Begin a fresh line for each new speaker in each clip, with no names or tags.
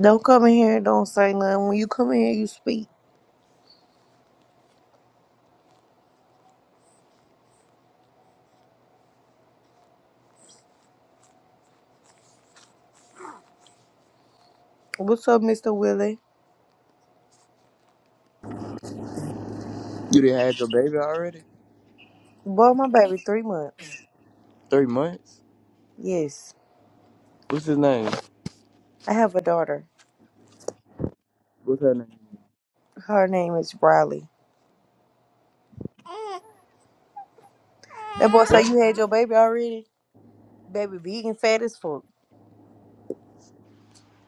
Don't come in here and don't say nothing. When you come in here, you speak. What's up, Mr. Willie?
You done had your baby already?
Boy, my baby, three months.
Three months?
Yes,
What's his name?
I have a daughter.
What's her name?
Her name is Riley. That boy say you had your baby already? Baby big and fat as fuck.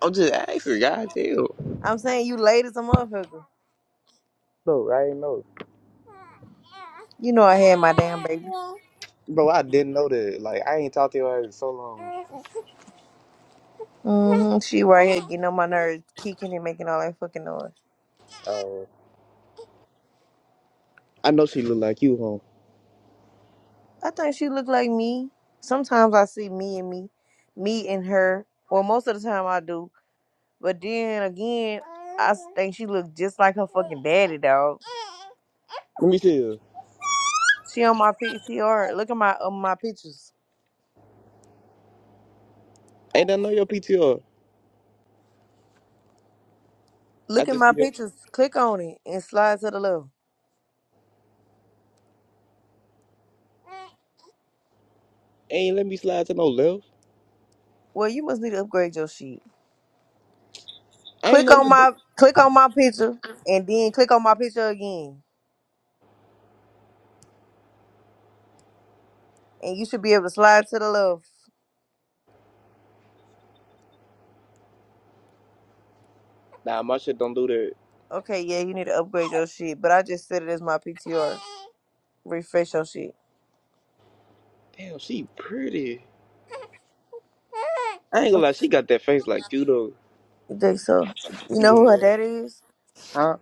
I'm just asking, goddamn.
I'm saying you late as a motherfucker.
No, I ain't know.
You know I had my damn baby.
Bro, I didn't know that. Like, I ain't talked to her in so long.
hmm She right here getting on my nerves, kicking and making all that fucking noise.
Uh, I know she look like you, home.
I think she looked like me. Sometimes I see me and me, me and her. Well, most of the time I do. But then again, I s- think she looked just like her fucking daddy, dog.
Let me see her.
She on my PTR. Look at my uh, my pictures.
Ain't I know your PTR? I
Look at
just
my
see her.
pictures. Click on it and slide to the left.
Ain't let me slide to no left.
Well, you must need to upgrade your shit.
I ain't
Click
know you
on
could do.
my click on my picture and then click on my picture again, and you should be able to slide to the left.
Nah, my shit don't do that.
Okay, yeah, you need to upgrade your shit, but I just said it as my PTR. refresh your shit.
Damn, she pretty. I ain't gonna lie, she got that face like you though.
You think so? You know
Yeah.
who her daddy is?
Huh?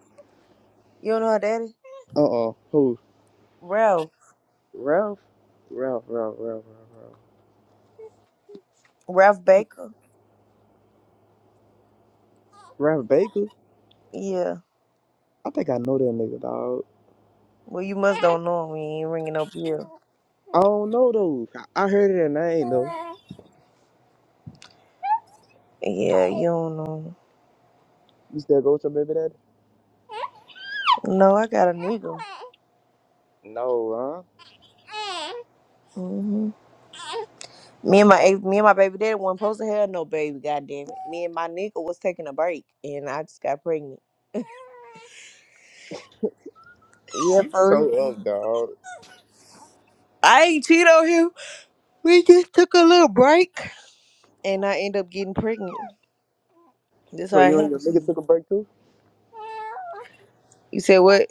You don't know her daddy?
Uh uh Who?
Ralph.
Ralph? Ralph, Ralph, Ralph, Ralph, Ralph.
Ralph Baker?
Ralph Baker?
Yeah.
I think I know that nigga, dog.
Well, you must don't know him. when You ain't ringing no bell.
I don't know though. I, I heard it and I ain't though.
Yeah, you don't know
You still go with your baby daddy?
him. No, I got a nigga.
No, huh?
hmm Me and my ex- me and my baby daddy wasn't supposed to have no baby. God damn it. Me and my nigga was taking a break, and I just got pregnant. Yeah,
You
for
so
real.
up, dog.
I ain't cheat on him. We just took a little break and I end up getting pregnant. That's
So
how it
you and your
happens to
nigga
you.
took a break too?
You said what?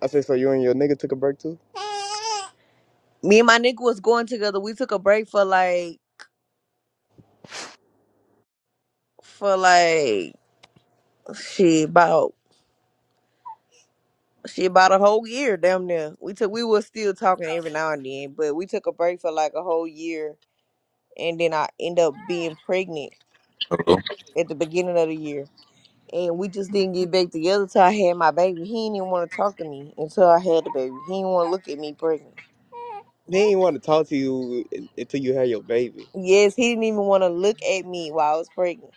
I said, so you and your nigga took a break too?
Me and my nigga was going together. We took a break for like for like shit about shit about a whole year damn near. We took we was still talking every now and then, but we took a break for like a whole year and then I end up being pregnant
Hello?
at the beginning of the year. and we just didn't get back together till I had my baby. He didn't even want to talk to me until I had the baby. He didn't want to look at me pregnant.
They ain't want to talk to you un- until you had your baby.
Yes, he didn't even want to look at me while I was pregnant.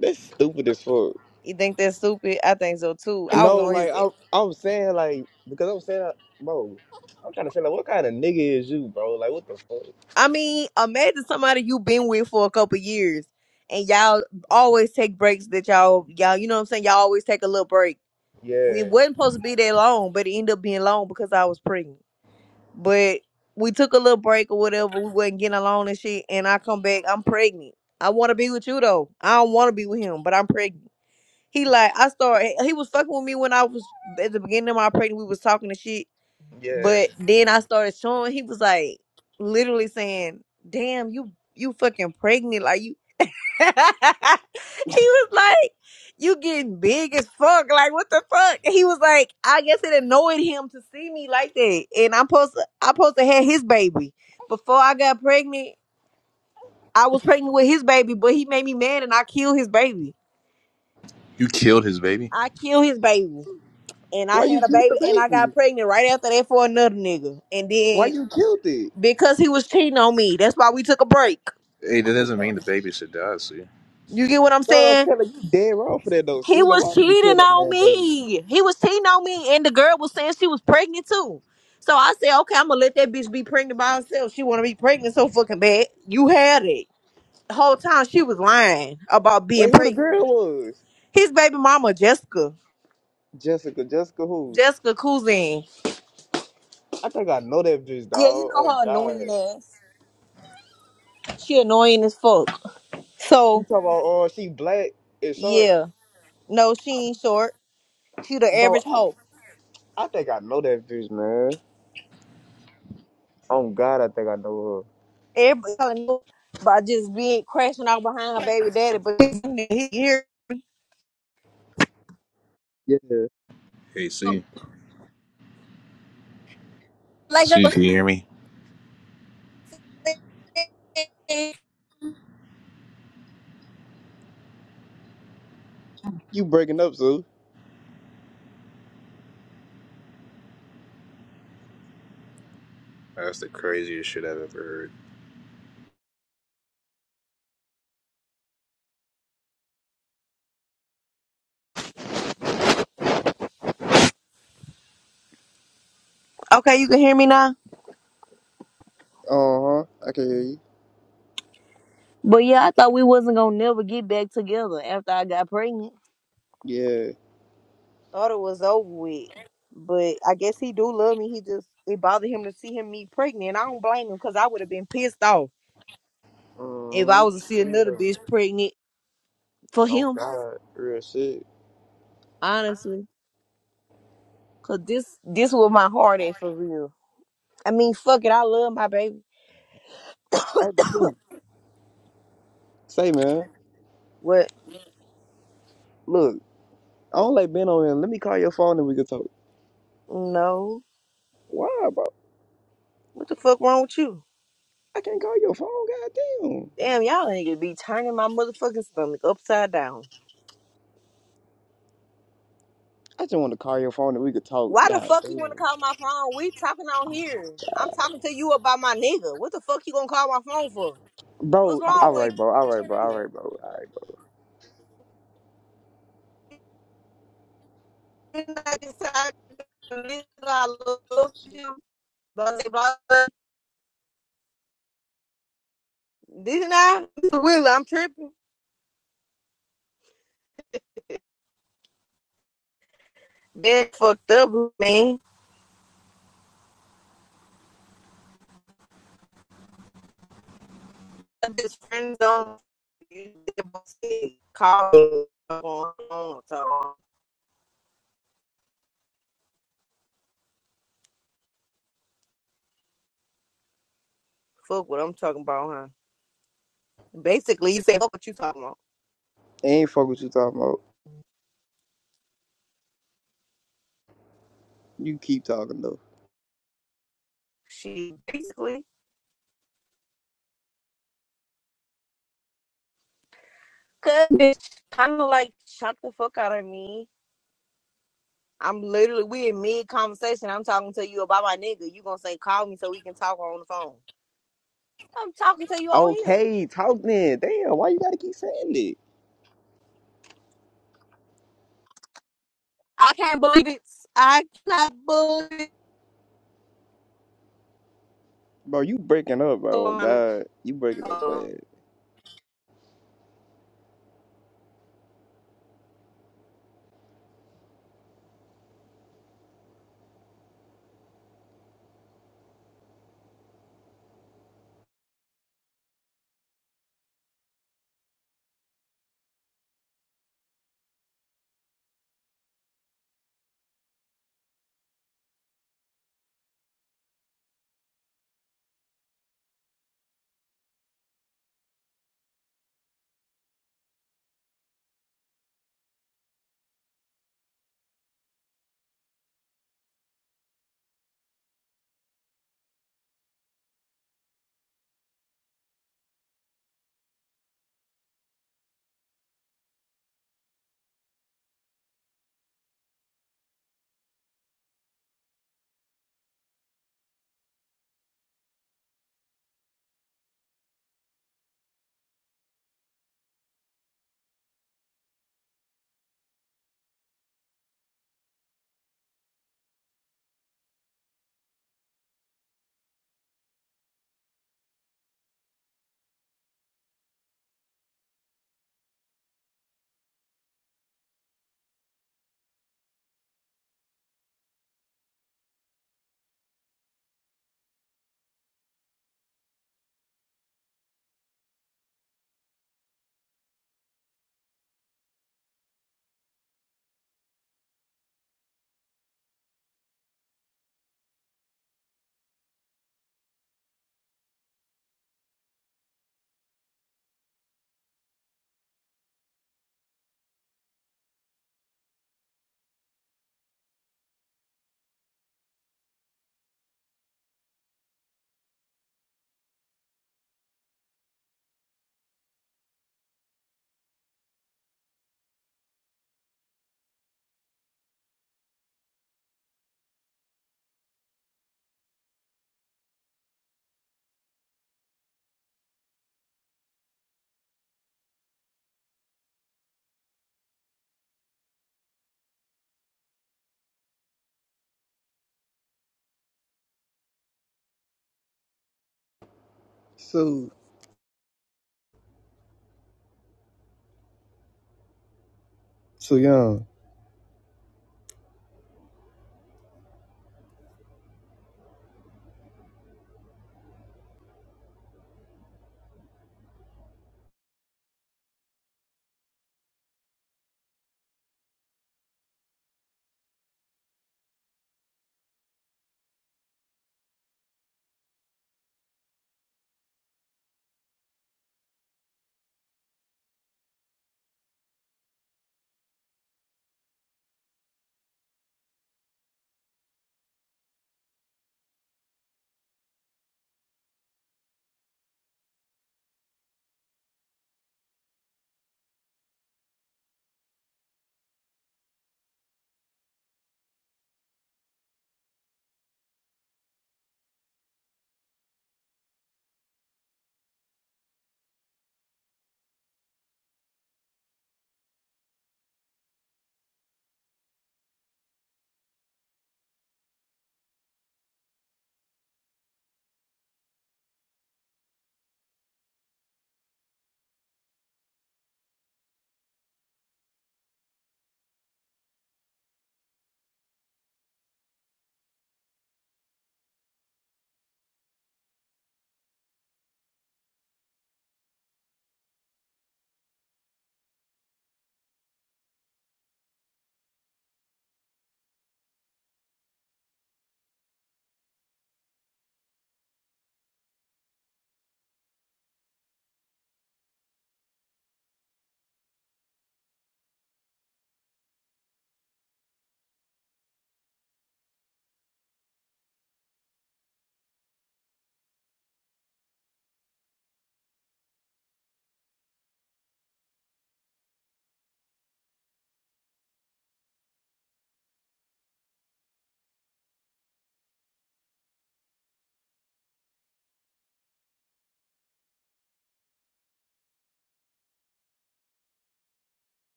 That's stupid as fuck.
You think that's stupid? I think so too. I was
No,
on his.
like I, I was saying, like because I was saying, like, bro, I'm trying to say, like, what kind of nigga is you, bro? Like, what the fuck?
I mean, imagine somebody you've been with for a couple years, and y'all always take breaks. That y'all, y'all, you know what I'm saying? Y'all always take a little break. It
Yeah,
wasn't supposed to be that long, but it ended up being long because I was pregnant. But we took a little break or whatever. We wasn't getting along and shit. And I come back, I'm pregnant. I want to be with you though. I don't want to be with him, but I'm pregnant. He like I started. He was fucking with me when I was at the beginning of my pregnancy. We was talking and shit,
yeah.
but then I started showing. He was like literally saying, "Damn, you you fucking pregnant? Like you he was like, "You getting big as fuck? Like what the fuck?" He was like, "I guess it annoyed him to see me like that." And I'm supposed to, I'm supposed to have his baby. Before I got pregnant, I was pregnant with his baby, but he made me mad, and I killed his baby.
You killed his baby?
I killed his baby, and I
Why you
had a
killed the
baby, and I
baby?
got pregnant right after that for another nigga. And
Why
then
you killed it?
because he was cheating on me, that's why we took a break.
Hey, that doesn't mean the baby should die, see?
You get what I'm
That's what I'm
saying?
saying. Like, you dead wrong for that though.
He
Sula, why
was
would you kill
cheating
that
on
man, baby?
me. He was cheating on me, and the girl was saying she was pregnant too. So I said, okay, I'm gonna let that bitch be pregnant by herself. She wanna be pregnant so fucking bad. You had it. The whole time she was lying about
Wait,
being
who the
pregnant.
girl was?
His baby mama, Jessica.
Jessica. Jessica who?
Jessica Cousin.
I think I know that bitch,
Yeah, you
dog.
know
Oh
her
God.
annoying ass. She annoying as fuck.
You
So
talking about oh she black and short,
yeah. No, she ain't short. She the
bro.
average
I,
hoe.
I think I know that bitch, man. Oh God, I think I know
Everybody telling her by just being crashing out behind her baby daddy, but he's here
her. Yeah.
Hey, see?
like I
See,
was
can you hear me?
saying.
You breaking up, Sue?
Okay, you can hear me now?
Uh huh. I can hear you.
But yeah, I thought we wasn't gonna never get back together after I got pregnant.
Yeah.
Thought it was over with. But I guess he do love me. He just it bothered him to see him me pregnant. And I don't blame him because I would have been pissed off if I was to see
Mm-hmm.
another
Yeah.
bitch pregnant for
Oh
him,
God, real shit.
honestly. Cause this this was my heart at for real. I mean fuck it, I love my baby.
Hey, Sue, say man,
What
look, I don't like being on here. Let me call your phone and we can talk.
no.
Why,
What the fuck wrong with you?
I can't call your phone. Goddamn.
Damn, y'all niggas be turning my motherfucking stomach upside down.
I just want to call your phone and we could talk.
Why the fuck you wanna
Goddamn.
call my phone? We talking on here. I'm talking to you about my nigga. What the fuck you gonna call my phone for? What's
Bro,
wrong
all
with
right, bro. All right, bro. All
you?
right, bro. All right, bro.
Didn't I decide to listen? I love you? Blah, blah, blah, Didn't I? Will, I'm tripping. That fucked up, man. His friends don't call me. Fuck what I'm talking about, huh? Basically, you say fuck what you talking about.
I Ain't fuck what you talking about. You keep talking though.
She basically could bitch kind of like shut the fuck out of me. I'm literally we in mid conversation. I'm talking to you about my nigga. You gonna say call me so we can talk on the phone. I'm talking to you on here.
Okay, talk then. Damn, why you gotta keep saying that?
I can't believe it. I cannot believe it.
Bro, you breaking up, bro. Oh,
Oh, my
God, you breaking up
God.
bad. So, so young.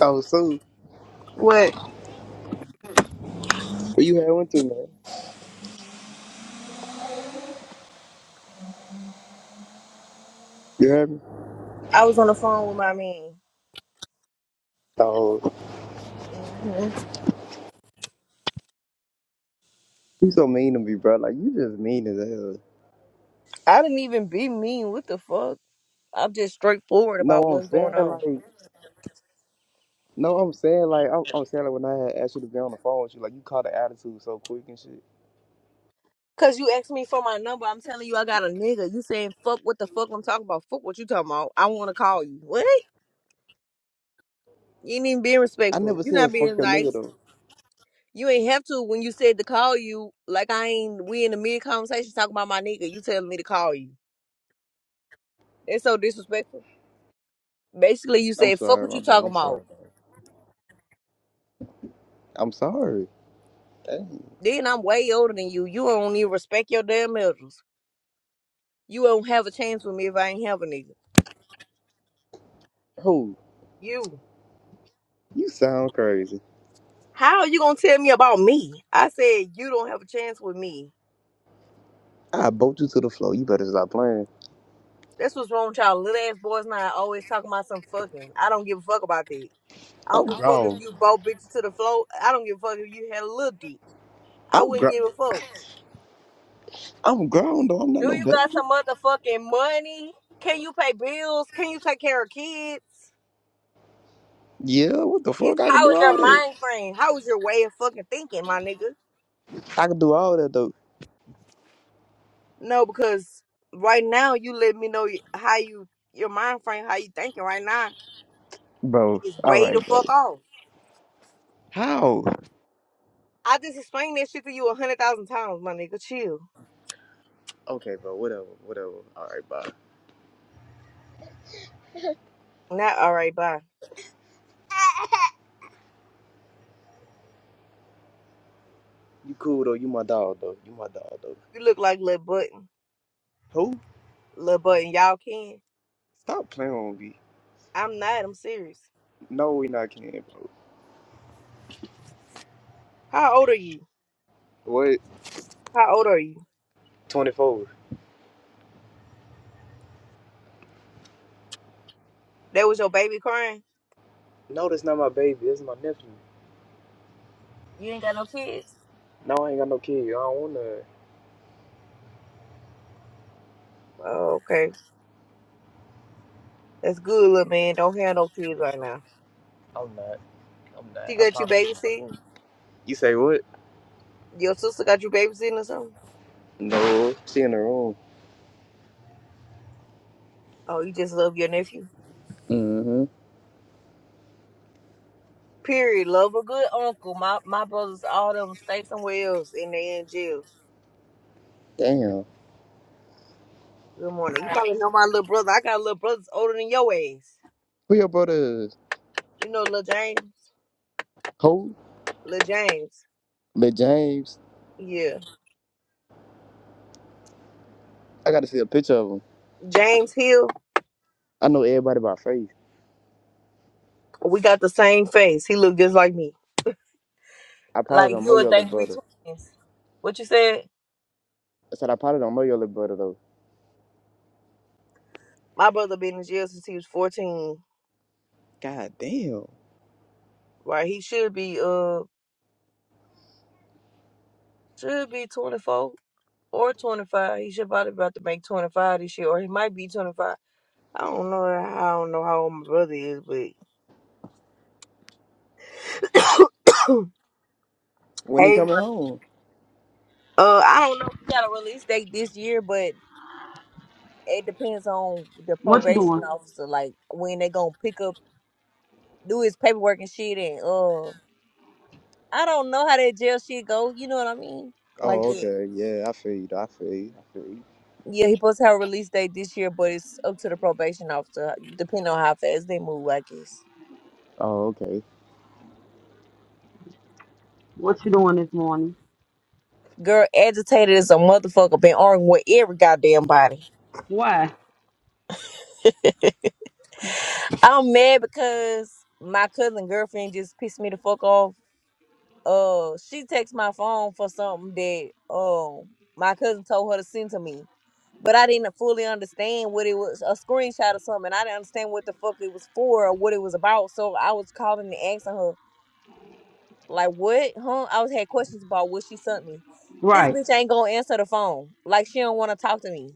Oh, so
What?
where you had one too, man? You heard me?
I was on the phone with my man.
Oh,
hmm
you so mean to me, bro. Like you just mean as hell.
I didn't even be mean. What the fuck? I'm just straightforward
No,
about
I'm
what's
saying
going on.
like. No, I'm saying like I'm, I'm saying like when I had asked you to be on the phone with you, like you caught the attitude so quick and shit.
Cause you asked me for my number. I'm telling you, I got a nigga. You saying fuck what the fuck I'm talking about? Fuck what you talking about? I want to call you. What? You ain't even being
I
respectful.
never
You not
said fuck
being
your nigga
nice.
though.
You ain't have to when you said to call you. Like I ain't. We in the mid conversation talking about my nigga. You telling me to call you. That's so disrespectful. Basically, you
I'm
said fuck
sorry,
what
my
you
bad.
talking
I'm sorry,
about.
dog. I'm sorry. Dang.
Then I'm way older than you. You don't even respect your damn elders. You won't have a chance with me if I ain't have a nigga.
Oh,
You.
you sound crazy.
How are you gonna tell me about me? I said you don't have a chance with me.
I bolt you to the floor. You better stop playing.
That's what's wrong with y'all. Little ass boys now always talking about some fucking. I don't give a fuck about that. I don't
I'm
give a fuck if
grown.
you both bitches to the floor. I don't give a fuck if you had a little dick. I
I'm
wouldn't
grown.
give a fuck.
I'm grown though. I'm not
Do
no
you
baby.
got some motherfucking money? Can you pay bills? Can you take care of kids?
Yeah, what the
It's
fuck? I can
how
do
is
all
your
that.
mind frame? How is your way of fucking thinking, my nigga?
I can do all that though.
No, because right now you let me know how you your mind frame, how you thinking right now
Bro,
is
all
way
right,
the
bro.
fuck off.
How?
I just explained that shit to you a hundred thousand times, my nigga. Chill.
Okay, bro. Whatever, whatever. All right, bye.
Not all right, bye.
You cool though. You my dog though. You my dog though.
You look like Lil Button.
Who?
Lil Button, y'all can.
Stop playing with me.
I'm not. I'm serious.
No, we not can, bro.
How old are you?
What?
How old are you?
24.
That was your baby crying?
No, that's not my baby. That's my nephew.
You ain't got no kids?
No, I ain't got no kid. I don't want to.
Oh, okay. That's good, little man. Don't have no kids right now.
I'm not. I'm
She
not. I
got you
promise I'm not.
babysitting?
You say what?
Your sister got you babysitting or something?
No, she in the room.
Oh, you just love your nephew?
Mm-hmm.
Period. Love a good uncle. My my brothers, all of them stay somewhere else and they in jail.
Damn.
Good morning. You probably know my little brother. I got little brothers older than your ass.
Who your brother is?
You know little James?
Who?
Little James.
But James.
Yeah.
I got to see a picture of him.
James Hill,
I know everybody by face.
we got the same face. He looked just like me.
I probably
Like
don't
you
know
would
your little
think we
brother.
twins. What you said?
I said I probably don't know your little brother, though.
My brother been in jail since he was fourteen.
God damn.
Right. He should be uh should be twenty four or twenty five. He should probably about to make twenty five this year, or he might be twenty five. I don't know. I don't know how old my brother is, but
When he
hey, man.
coming home?
Uh, I don't know. if We got a release date this year, but it depends on the
What you
probation
doing?
officer, like when they gonna pick up. do his paperwork and shit and uh I don't know how that jail shit go, you know what I mean? Like
Oh,
that.
okay. Yeah, I feel you. though. I feel you. I feel you.
Yeah, he supposed to have a release date this year, but it's up to the probation officer, depending on how fast they move, I guess.
Oh, okay.
What you doing this morning?
Girl, agitated as a motherfucker, been arguing with every goddamn body.
Why?
I'm mad because my cousin girlfriend just pissed me the fuck off uh she texted my phone for something that um my cousin told her to send to me. But I didn't fully understand what it was a screenshot of something. I didn't understand what the fuck it was for or what it was about. So I was calling and asking her, like, what? Huh? I was had questions about what she sent me. This
Right.
bitch ain't gonna answer the phone. Like she don't wanna talk to me.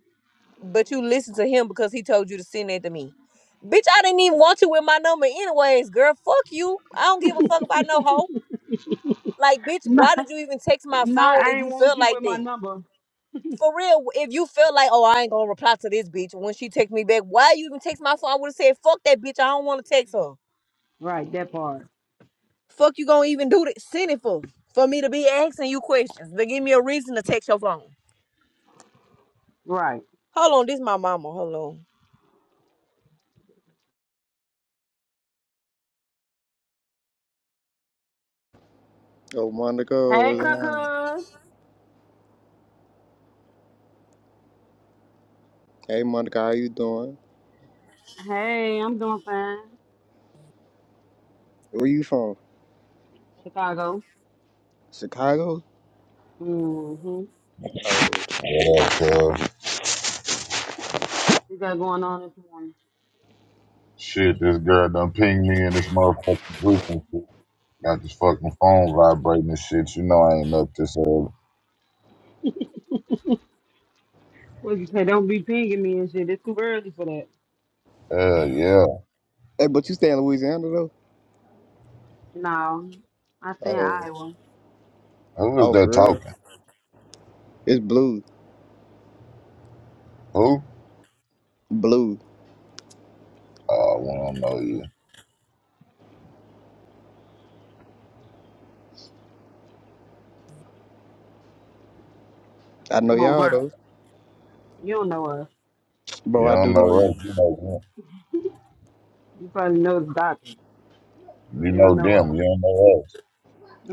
But you listen to him because he told you to send that to me. Bitch, I didn't even want you with my number anyways, girl. Fuck you. I don't give a fuck about no hoe. Like, bitch,
Not,
why did you even text my
not
phone
I
if
ain't
you
want
feel
you
like
with my
that?
number.
For real, if you feel like, oh, I ain't gonna reply to this bitch when she text me back, why you even text my phone? I would have said, fuck that bitch, I don't want to text her.
Right, that part.
Fuck you gonna even do that? Send it for for me to be asking you questions to give me a reason to text your phone.
Right.
Hold on, this my mama. Hold on.
Oh, Monica
Hey,
was down.
Cuckoo.
Hey, Monica, how you doing?
Hey, I'm doing fine.
Where you from?
Chicago.
Chicago?
Mm-hmm.
Oh.
Yeah, cuz.
You got going on this morning?
Shit, this girl done pinged me in this motherfucking group and shit. Got this fucking phone vibrating and shit. You know I ain't up this early.
What you say? Don't be pinging me and shit. It's too early for that.
Hell yeah.
Hey, but you stay in Louisiana, though?
No. I stay in
Oh.
Iowa.
Who is
Oh,
that
for real?
talking?
It's Blue.
Who?
Blue.
Oh, we don't know you.
I know
Come on,
y'all,
Bert.
though.
You don't know us.
You
Bro, I
don't
do
know
know
us.
you.
You know
You probably know the doctor.
them. You
You
know
don't know
them.
us.
You don't know us.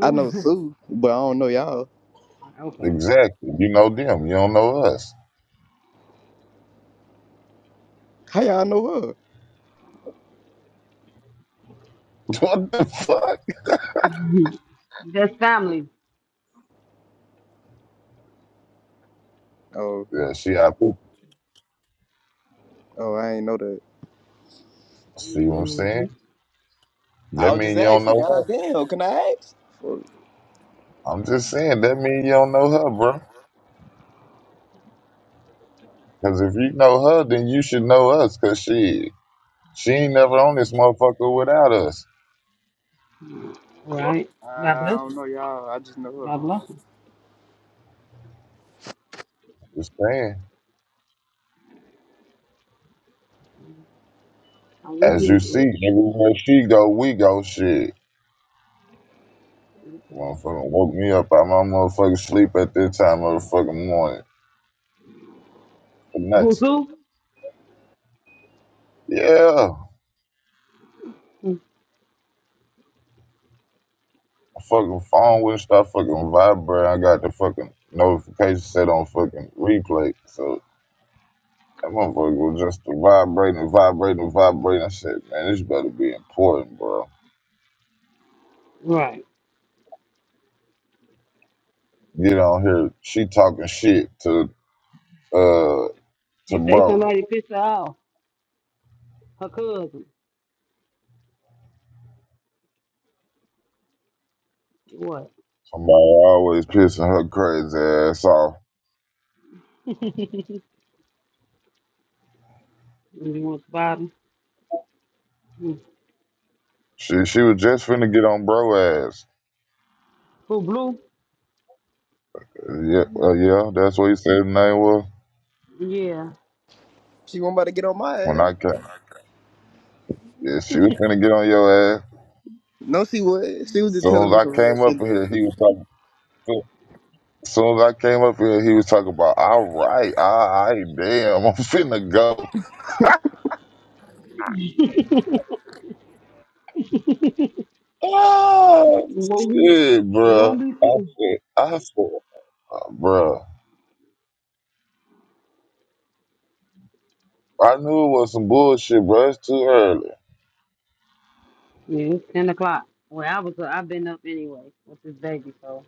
I know Sue, but I don't know y'all.
okay.
Exactly. You know them. You don't know us.
How y'all know her?
What the fuck?
That's family.
Oh.
Yeah, she out there.
Oh, I ain't know that.
See what I'm saying?
I
That
was just
mean you don't
asking.
know her.
God damn, can I ask? Fuck.
I'm just saying, that mean you don't know her, bro. Because if you know her, then you should know us. Because she. She ain't never on this motherfucker without us.
Right. God
I
bless
don't
her.
know y'all. I just know her.
God bless her.
Just saying.
I would be
As you see, everywhere she go, we go. Shit, motherfucker woke me up out my motherfucking sleep at this time of the fucking morning. For
through
nuts.
who?
Yeah,
Mm,
my fucking phone wouldn't stop fucking vibrating. I got the fucking notification set on fucking replay, so that motherfucker was just vibrating, vibrating, vibrating. I said, man, this better be important, bro.
Right.
Get on here. She talking shit to uh to
She say
bro.
somebody pissed her off. Her cousin. What?
Somebody always pissing her crazy ass off.
you want to bother? Mm.
She she was just finna get on bro ass.
Who blue?
Yeah, uh, yeah, that's what he said the name was.
Yeah.
She wasn't about to get on my
When
ass.
I came, yeah, she was finna get on your ass.
No, she was. She was just
Soon
telling
as
me
I
some real
came
shit,
up in
though.
here, he was talking. Soon soon as I came up in here, he was talking about, all right, all right, damn, I'm finna go. Oh,
You won't be.
shit,
You
bruh.
won't be
I
too.
said, I said, "Nah, bruh. I knew it was some bullshit, bruh. It's too early.
Yeah, it's ten o'clock. Well, I was. I've been up anyway with this baby, so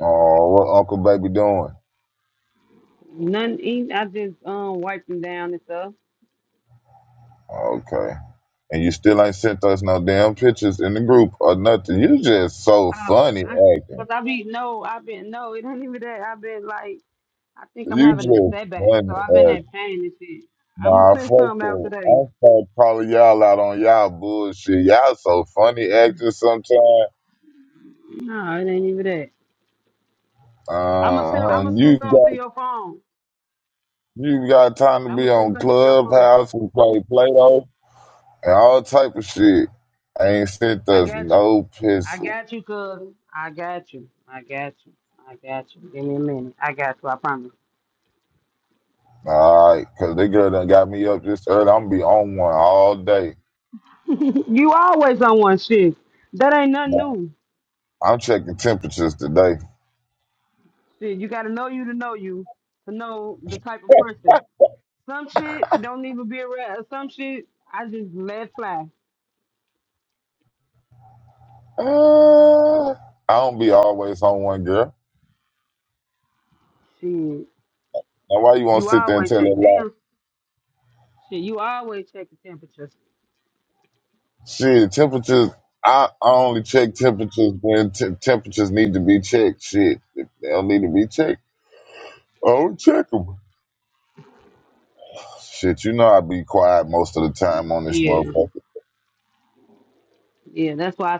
Oh, what Uncle Baby doing?
nothing. Eat. I just um wiped him down and stuff.
Okay. and you still ain't sent us no damn pictures in the group or nothing. You just so
Oh,
funny
I,
acting.
cause I be no. I've been no. It ain't even that. I've been like I think I'm
You just
having a setback,
funny
so I've been in
acting.
pain and shit. I'm gonna
Nah,
send
fuck
something out
that.
today.
I'm fuck calling y'all out on y'all bullshit. Y'all so funny acting sometimes.
No, it ain't even that. I'm gonna send. I'm
Uh,
gonna send
you
something to
got
your phone.
you got time to
I'm
be
gonna send
on
something to your phone.
Clubhouse and play Play-Doh and all type of shit. Ain't sent
I
us
got you.
no
I
pictures.
got you, cousin. I got you. I got you. I got you. Give me a minute. I got you. I promise.
All right, cause they girl done got me up this early. I'm going to be on one all day.
you always on one shit. That ain't nothing
Nah,
new.
I'm checking temperatures today.
Shit, you gotta know you to know you to know the type of person. Some shit don't even be around. Some shit I just let fly.
Uh, I don't be always on one girl.
Shit.
Now why you want to
You
sit there and
always
tell
check
that lie?
them. Shit, you always check the temperature.
Shit, temperatures. I I only check temperatures when t- temperatures need to be checked. Shit, if they don't need to be checked. I don't check check them. Shit, you know I be quiet most of the time on this
Yeah,
motherfucker.
yeah. That's why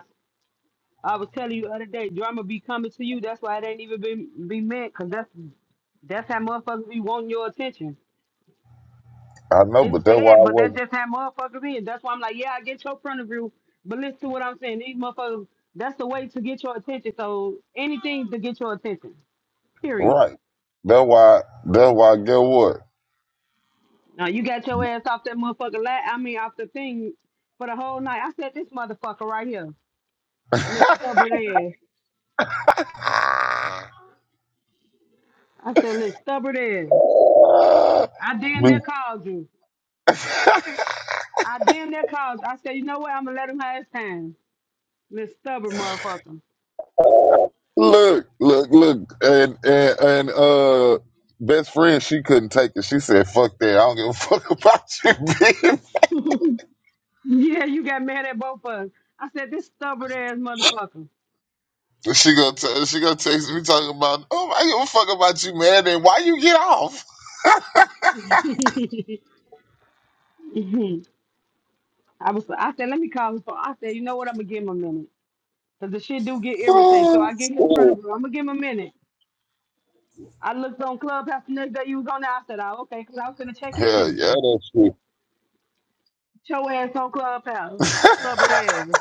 I, I was telling you the other day, drama be coming to you. That's why it ain't even been be meant, cause that's that's how motherfuckers be wanting your attention.
I know,
It's
but that's why I
sad, but that's
wasn't
just how motherfuckers is. That's why I'm like, yeah, I get your point of view, but listen to what I'm saying. These motherfuckers, that's the way to get your attention. So anything to get your attention. Period.
right. That's why. That's why. Get what?
Now you got your ass off that motherfucker. La- I mean, off the thing for the whole night. I said this motherfucker right here, this stubborn ass. I said, look, stubborn ass. I damn near called you.
be
I damn near called. you. I said, you know what? I'm gonna let him have his time. This stubborn motherfucker.
Look, look, look, and and and uh, best friend, she couldn't take it. She said, "Fuck that! I don't give a fuck about you, bitch."
Yeah, you got mad at both of us. I said, this stubborn ass motherfucker.
She gonna t- she gonna text me talking about, "Oh, I give a fuck about you, man." And why you get off?
Mhm. I was. I said, let me call his phone. I said, you know what? I'm gonna give him a minute. Cause the shit do get irritated. So
Oh,
I get his front of
shit.
him. I'm gonna give him a minute. I looked on Clubhouse the next day. You was on there. I said, oh, okay. Cause I was gonna check his
Hell yeah,
temperature. Get
that shit.
Your ass on Clubhouse. Stubborn ass.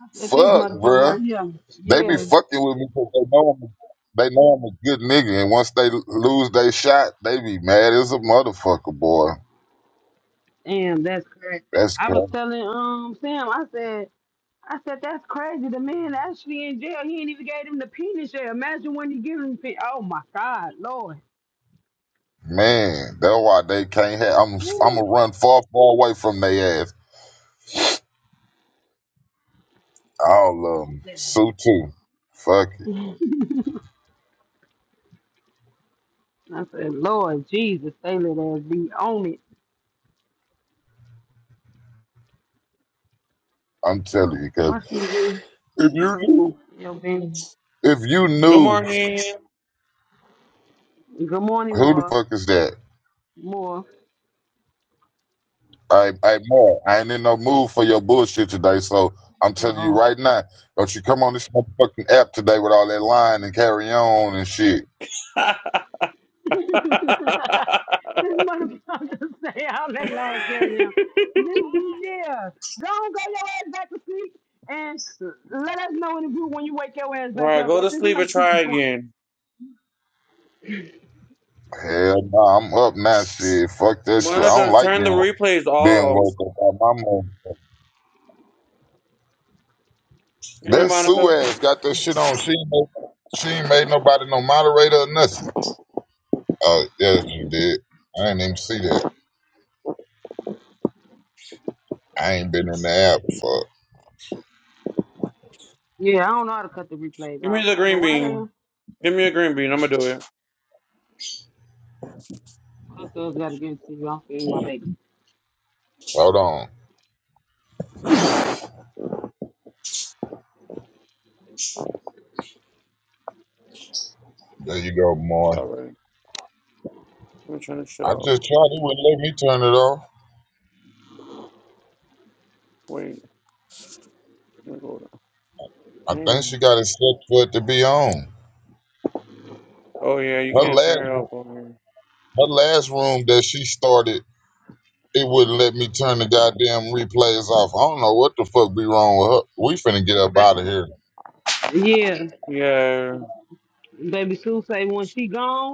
I said, this
Fuck,
motherfucker
bruh.
right here.
They be
Yeah.
fucking with me because they know I'm they know I'm a good nigga, and once they lose they shot, they be mad as a motherfucker, boy.
Damn, that's crazy.
That's
I
crazy.
was telling um Sam, I said, I said that's crazy. The man actually in jail. He ain't even gave him the penis yet. Imagine when you give him. the pe- Oh my God, Lord.
Man, that's why they can't have. I'm I'm gonna
Woo.
run far, far away from their ass. I'll um
I
sue too. Fuck it.
said, Lord Jesus, they let us be on it.
I'm telling
Oh,
you, cause
Why she getting
if you knew,
your business?
if you
Good
knew,
morning.
Good morning,
who the
more,
fuck is that?
more.
I I more. I ain't in no mood for your bullshit today. So I'm
Uh
telling you
oh.
right now, don't you come on this motherfucking app today with all that lying and carry on and shit.
All
this motherfucker say all that line carry him. This, yeah, go on, go your ass back to sleep and let us know in the group when you wake your ass back
right,
up.
go
At
to
this
sleep and try
motherfucking point.
again.
Hell no, I'm up now. Shit, fuck that shit. I don't
Monica,
like
turn the
being wo-
replays
being
off.
woke up by my mom.
Give me
That Sue
Monica.
ass got that shit on. She ain't, no- she ain't made nobody no moderator or nothing. Oh, yes, you did. I didn't even see that. I ain't been on the app before.
Yeah, I don't know how to cut the replays
Give
off,
me the
but
green
why the
bean.
hell?
Give me a green bean. I'm gonna do it.
Cause gotta give it to you. I'm feeding my baby.
Hold on. There you go, Moy.
All right. Let me turn this shit
I
off.
just tried. It wouldn't let me turn it off.
Wait. Let me go
I
down.
think she
Damn.
got it set for it to be on.
Oh yeah, you
Her
can't
last,
turn it off on
her last room that she started, it wouldn't let me turn the goddamn replays off. I don't know what the fuck be wrong with her. We finna get up out of here.
Yeah,
here. Yeah.
baby Sue say when she gone.